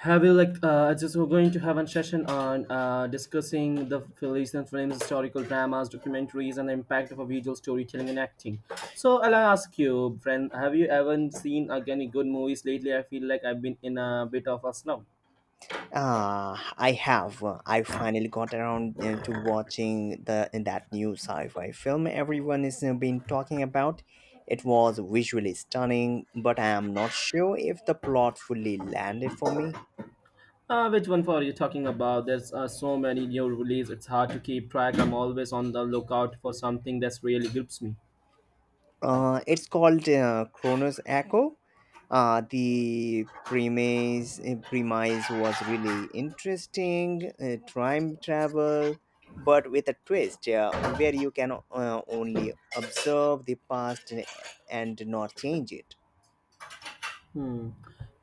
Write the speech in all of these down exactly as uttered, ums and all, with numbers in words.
Have you like uh, just we're going to have a session on uh, discussing the Filipino films, historical dramas, documentaries, and the impact of a visual storytelling and acting. So I'll ask you, friend, have you ever seen like, any good movies lately? I feel like I've been in a bit of a slump. Uh, I have. Uh, I finally got around uh, to watching the that new sci-fi film everyone has uh, been talking about. It was visually stunning, but I am not sure if the plot fully landed for me. Uh, which one for are you talking about? There's uh, so many new releases. It's hard to keep track. I'm always on the lookout for something that's really grips me. Uh, it's called uh, Chronos Echo. Uh, the premise eh, premise was really interesting. Uh, time travel, but with a twist, yeah, where you can uh, only observe the past eh, and not change it. Hmm.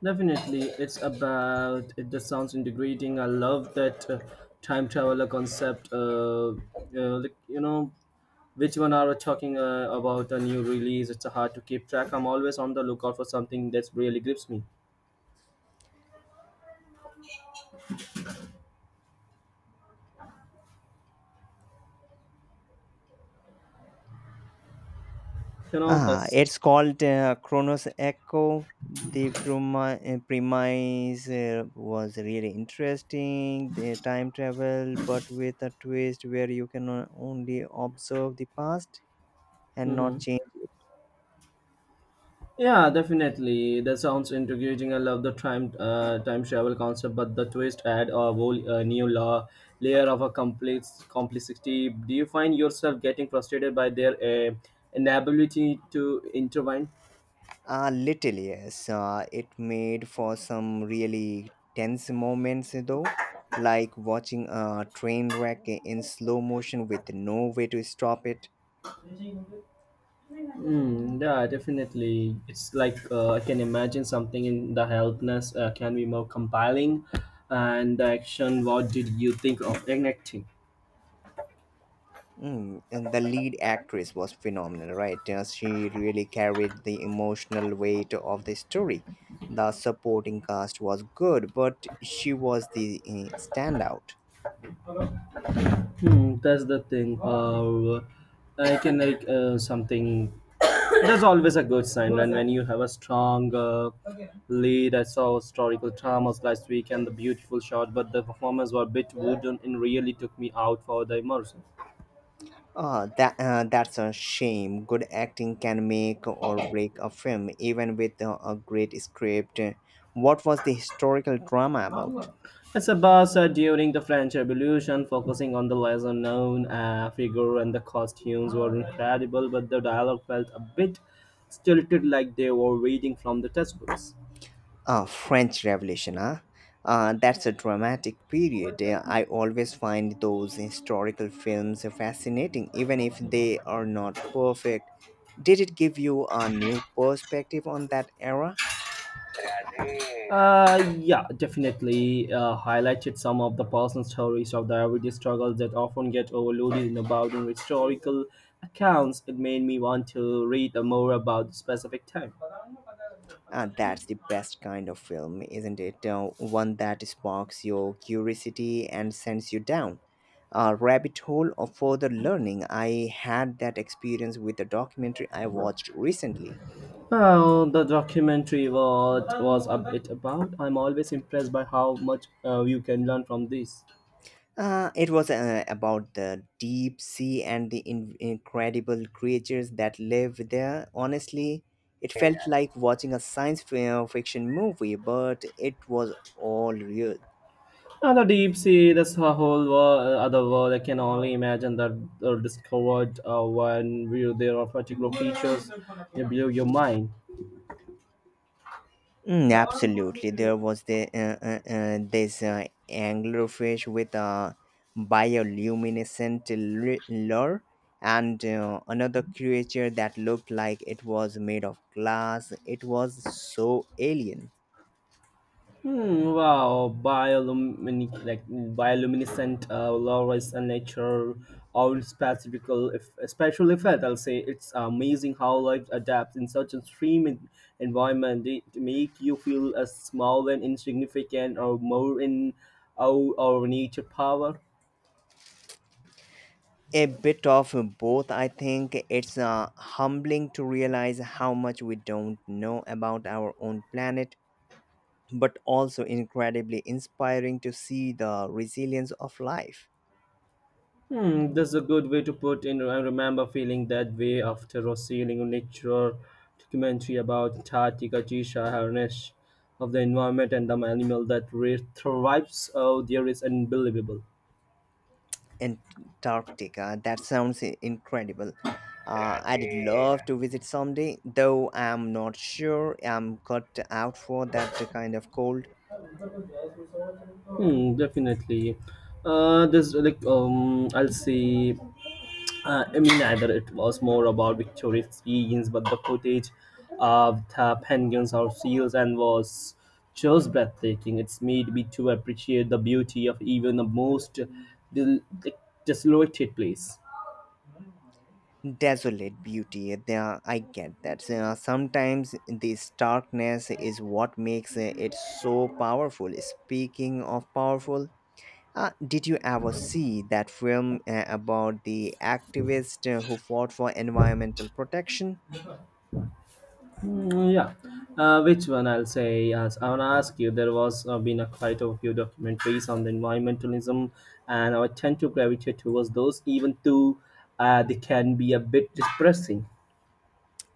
Definitely, it's about it just sounds integrating. I love that uh, time traveler concept. Uh, uh, like, you know, which one are we talking uh, about a new release? It's hard to keep track. I'm always on the lookout for something that's really grips me. You know, Ah, that's. It's called uh, Chronos Echo. The premi- uh, premise uh, was really interesting. The time travel, but with a twist where you can o- only observe the past and not Mhm. change it. Yeah, definitely. That sounds intriguing. I love the time uh, time travel concept, but the twist add a whole uh, new law, layer of a complex complexity. Do you find yourself getting frustrated by their uh, inability to intervene? A little. Yes, uh, it made for some really tense moments, eh, though, like watching a train wreck in slow motion with no way to stop it. Mm, yeah, definitely. It's like uh, I can imagine something in the helpless uh, can be more compelling, and the action. What did you think of enacting? Mm, and the lead actress was phenomenal, right? Uh, she really carried the emotional weight of the story. The supporting cast was good, but she was the uh, standout. Hmm, that's the thing. Uh, I can like uh, something. That's always a good sign when, when you have a strong uh, lead. I saw historical dramas last week and the beautiful shot, but the performers were a bit wooden and really took me out for the immersion. Uh, that uh, that's a shame. Good acting can make or break a film, even with uh, a great script. What was the historical drama about? It's about uh, during the French Revolution, focusing on the lesser known uh, figure, and the costumes were incredible, but the dialogue felt a bit stilted like they were reading from the textbooks. Ah, French Revolution, huh? Uh, that's a dramatic period. Yeah, I always find those historical films fascinating, even if they are not perfect. Did it give you a new perspective on that era? Uh, yeah, definitely uh, highlighted some of the personal stories of the everyday struggles that often get overloaded in about in historical accounts. It made me want to read more about the specific time. Uh, that's the best kind of film, isn't it? Uh, one that sparks your curiosity and sends you down a rabbit hole of further learning. I had that experience with a documentary I watched recently. Well, the documentary what was a bit about. I'm always impressed by how much uh, you can learn from this. Uh, it was uh, about the deep sea and the in- incredible creatures that live there. Honestly, it felt like watching a science fi- uh, fiction movie, but it was all real. And the deep sea, this whole world, other world, I can only imagine that are discovered uh, when we there are particular features that blow your mind. Mm, absolutely, there was the uh, uh, uh, this uh, anglerfish with a bioluminescent l- lure, and uh, another creature that looked like it was made of glass. It was so alien. Hmm, wow, biolumin like bioluminescent uh, law is a nature or specifical if special effect. I'll say it's amazing how life adapts in such a extreme en- environment. They make you feel as small and insignificant or more in our, our nature power. A bit of both, I think. It's uh, humbling to realize how much we don't know about our own planet, but also incredibly inspiring to see the resilience of life. Hmm, that's a good way to put in. I remember feeling that way after seeing a nature documentary about Antarctica Jisha harness of the environment and the animal that re- thrives out there is unbelievable. Antarctica, that sounds i- incredible. Uh, I'd love to visit someday, though I'm not sure I'm cut out for that kind of cold. Hmm, definitely. Uh, this like um, I'll see. Uh, I mean, neither. It was more about Victoria's experience, but the footage of the penguins or seals and was just breathtaking. It's made me to appreciate the beauty of even the most del- de- desolated place. Desolate beauty. uh, there- I get that. Uh, sometimes this darkness is what makes uh, it so powerful. Speaking of powerful, uh, did you ever see that film uh, about the activist uh, who fought for environmental protection? Mm, yeah. Uh, which one I'll say? Yes, I want to ask you. There was uh, been a quite a few documentaries on the environmentalism, and I tend to gravitate towards those, even though uh, they can be a bit depressing.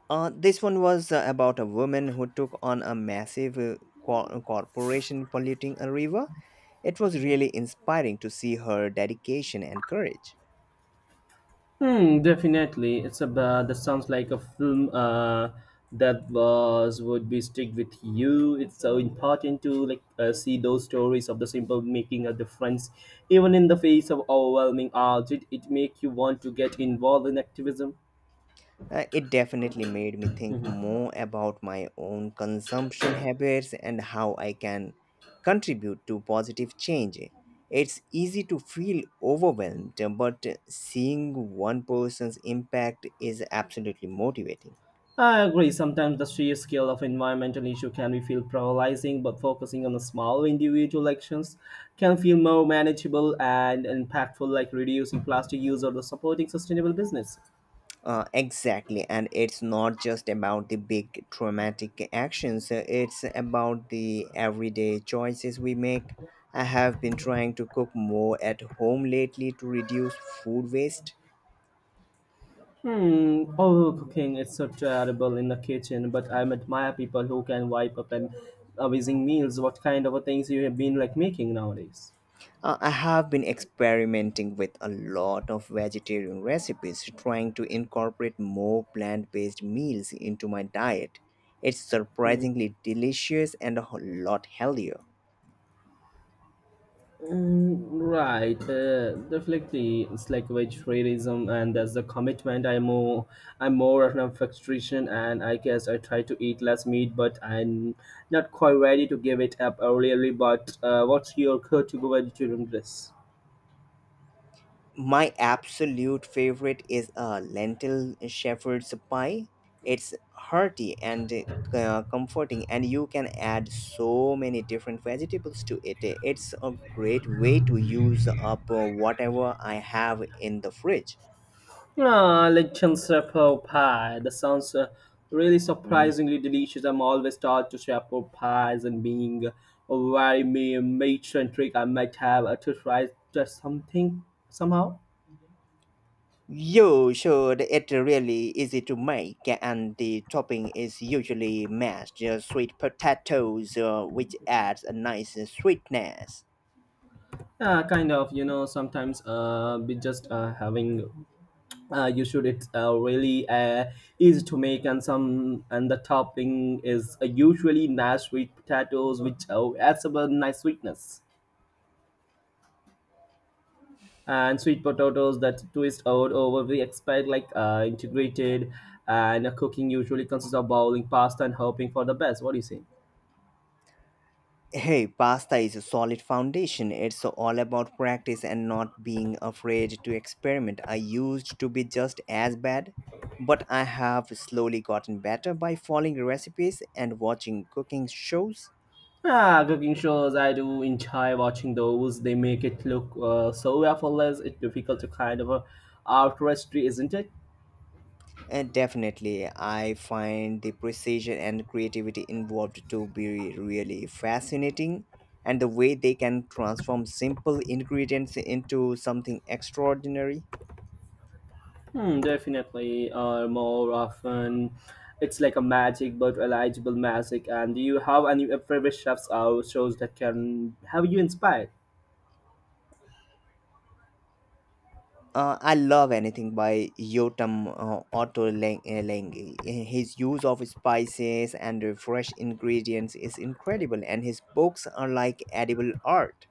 Uh, this one was uh, about a woman who took on a massive uh, co- corporation polluting a river. It was really inspiring to see her dedication and courage. Hmm, definitely. It's a uh, that sounds like a film uh, that was would be stick with you. It's so important to like uh, see those stories of the simple making a difference, even in the face of overwhelming odds. It it make you want to get involved in activism. Uh, it definitely made me think more about my own consumption habits and how I can contribute to positive change. It's easy to feel overwhelmed, but seeing one person's impact is absolutely motivating. I agree. Sometimes the sheer scale of environmental issue can be feel paralyzing, but focusing on the small individual actions can feel more manageable and impactful, like reducing plastic use or the supporting sustainable business. Uh, exactly, and it's not just about the big traumatic actions, uh, it's about the everyday choices we make. I have been trying to cook more at home lately to reduce food waste. Hmm. Oh, cooking is so terrible in the kitchen, but I admire people who can wipe up and amazing meals. What kind of things you have been like making nowadays? Uh, I have been experimenting with a lot of vegetarian recipes, trying to incorporate more plant based meals into my diet. It's Hmm. surprisingly delicious and a whole lot healthier. Mm, right. Uh, definitely, it's like vegetarianism, and that's the commitment. I'm more, I'm more of an vegetarian, and I guess I try to eat less meat, but I'm not quite ready to give it up early. But uh, what's your go-to vegetarian dish? My absolute favorite is a lentil shepherd's pie. It's hearty and uh, comforting, and you can add so many different vegetables to it. It's a great way to use up uh, whatever I have in the fridge. Ah, lechon shepherd pie. That sounds uh, really Mm. surprisingly delicious. I'm always taught to shepherd pies and being a very ma- matron trick. I might have uh, to try just something somehow. You should. It really easy to make, and the topping is usually mashed uh, sweet potatoes, uh, which adds a nice sweetness. Uh, kind of, you know, sometimes uh, we just uh, having uh, You should it's uh, really uh, easy to make and some and the topping is uh, usually nice sweet potatoes which uh, adds a nice sweetness. And sweet potatoes that twist out over the expired like uh, integrated and uh, cooking usually consists of boiling pasta and hoping for the best. What do you say? Hey, pasta is a solid foundation. It's all about practice and not being afraid to experiment. I used to be just as bad, but I have slowly gotten better by following recipes and watching cooking shows. Ah, cooking shows, I do enjoy watching those. They make it look uh, so effortless. It's difficult to kind of uh, artistry, isn't it? And definitely, I find the precision and creativity involved to be really fascinating, and the way they can transform simple ingredients into something extraordinary. Hmm, definitely. Or more often, it's like a magic but eligible magic. And do you have any favorite chefs or shows that can have you inspired? Uh, I love anything by Yotam uh, Otto Leng- uh, Lengi. His use of spices and uh, fresh ingredients is incredible, and his books are like edible art.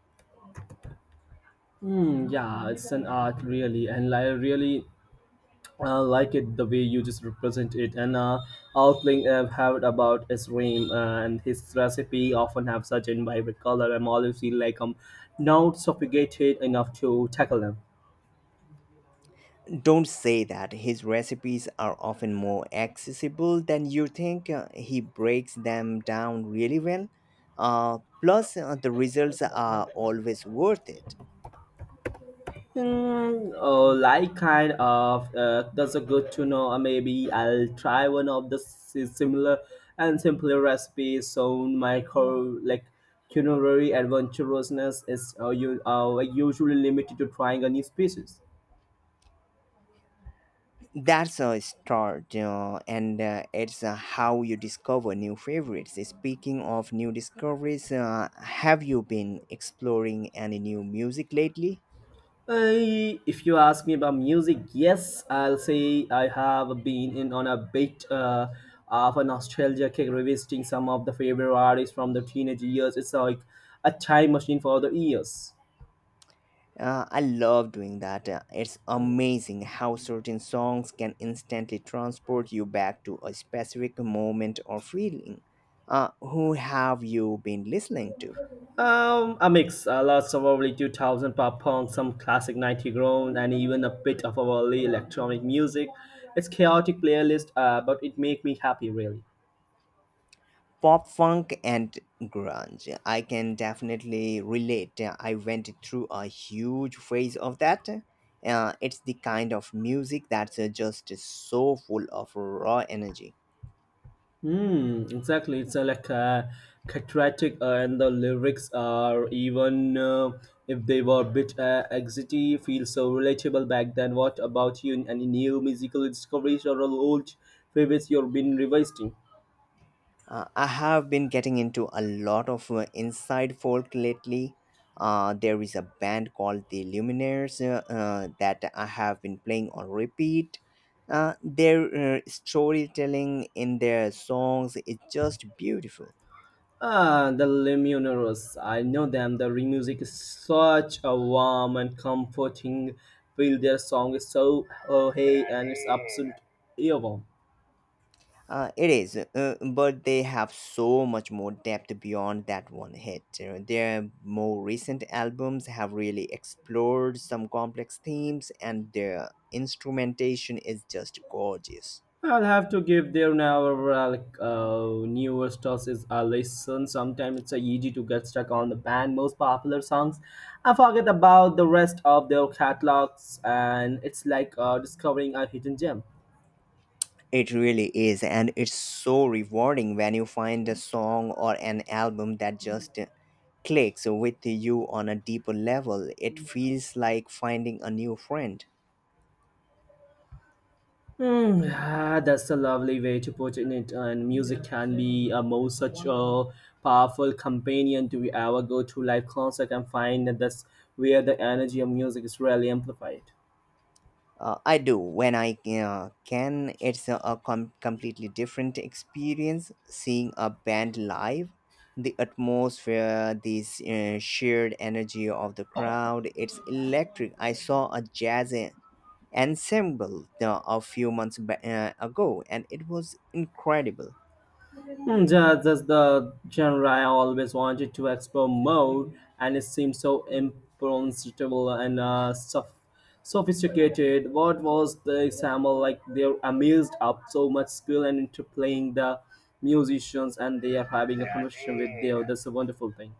Hmm, yeah, it's an art really, and I really uh, like it the way you just represent it. And uh, outling I've heard about his rain uh, and his recipe often have such a vibrant color. I'm always feel like I'm not sophisticated enough to tackle them. Don't say that. His recipes are often more accessible than you think. Uh, He breaks them down really well. Uh, plus, uh, the results are always worth it. Mm, oh, like kind of. Uh, that's a good to know. Uh, maybe I'll try one of the si- similar and simpler recipes. So my core like culinary adventurousness is uh, you uh, usually limited to trying a new species. That's a start, uh, and uh, it's uh, how you discover new favorites. Speaking of new discoveries, uh, have you been exploring any new music lately? I, if you ask me about music, yes, I'll say I have been in on a bit uh, of a nostalgia kick, revisiting some of the favorite artists from the teenage years. It's like a time machine for the ears. Uh, I love doing that. Uh, it's amazing how certain songs can instantly transport you back to a specific moment or feeling. Uh, who have you been listening to? Um, a mix, a lot of early two thousand pop punk, some classic ninety groan, and even a bit of early electronic music. It's chaotic playlist, uh, but it make me happy really. Pop funk and grunge, I can definitely relate. I went through a huge phase of that. Uh, it's the kind of music that's uh, just so full of raw energy. Hmm, exactly. It's uh, like uh, cathartic, uh, and the lyrics are even uh, if they were a bit uh, exity, feel so relatable back then. What about you? Any new musical discoveries or old favorites you've been revisiting? uh, I have been getting into a lot of uh, inside folk lately. Uh, there is a band called the Luminaires uh, uh, that I have been playing on repeat. Uh, their uh, storytelling in their songs is just beautiful. Ah, the Lumineers. I know them. Their music is such a warm and comforting feel. Their song is so oh hey, and it's absolute earworm. Uh, it is, uh, but they have so much more depth beyond that one hit. You know, their more recent albums have really explored some complex themes, and their instrumentation is just gorgeous. I'll have to give their newer uh, like uh, newer stuff is a listen. Sometimes it's uh, easy to get stuck on the band most popular songs. I forget about the rest of their catalogs, and it's like uh, discovering a hidden gem. It really is, and it's so rewarding when you find a song or an album that just clicks with you on a deeper level. It feels like finding a new friend. Hmm, ah, that's a lovely way to put in it. And music can be a most such a powerful companion to our go-to live concert and find that that's where the energy of music is really amplified. Uh, I do when I uh, can. It's a, a com- completely different experience seeing a band live. The atmosphere, this uh, shared energy of the crowd, it's electric. I saw a jazz en- ensemble uh, a few months ba- uh, ago and it was incredible. Mm, Jazz is the genre I always wanted to explore more, and it seems so impronounceable and uh, sof- sophisticated. What was the example like? They're amazed up so much skill and interplaying the musicians, and they are having a conversation with their. That's a wonderful thing.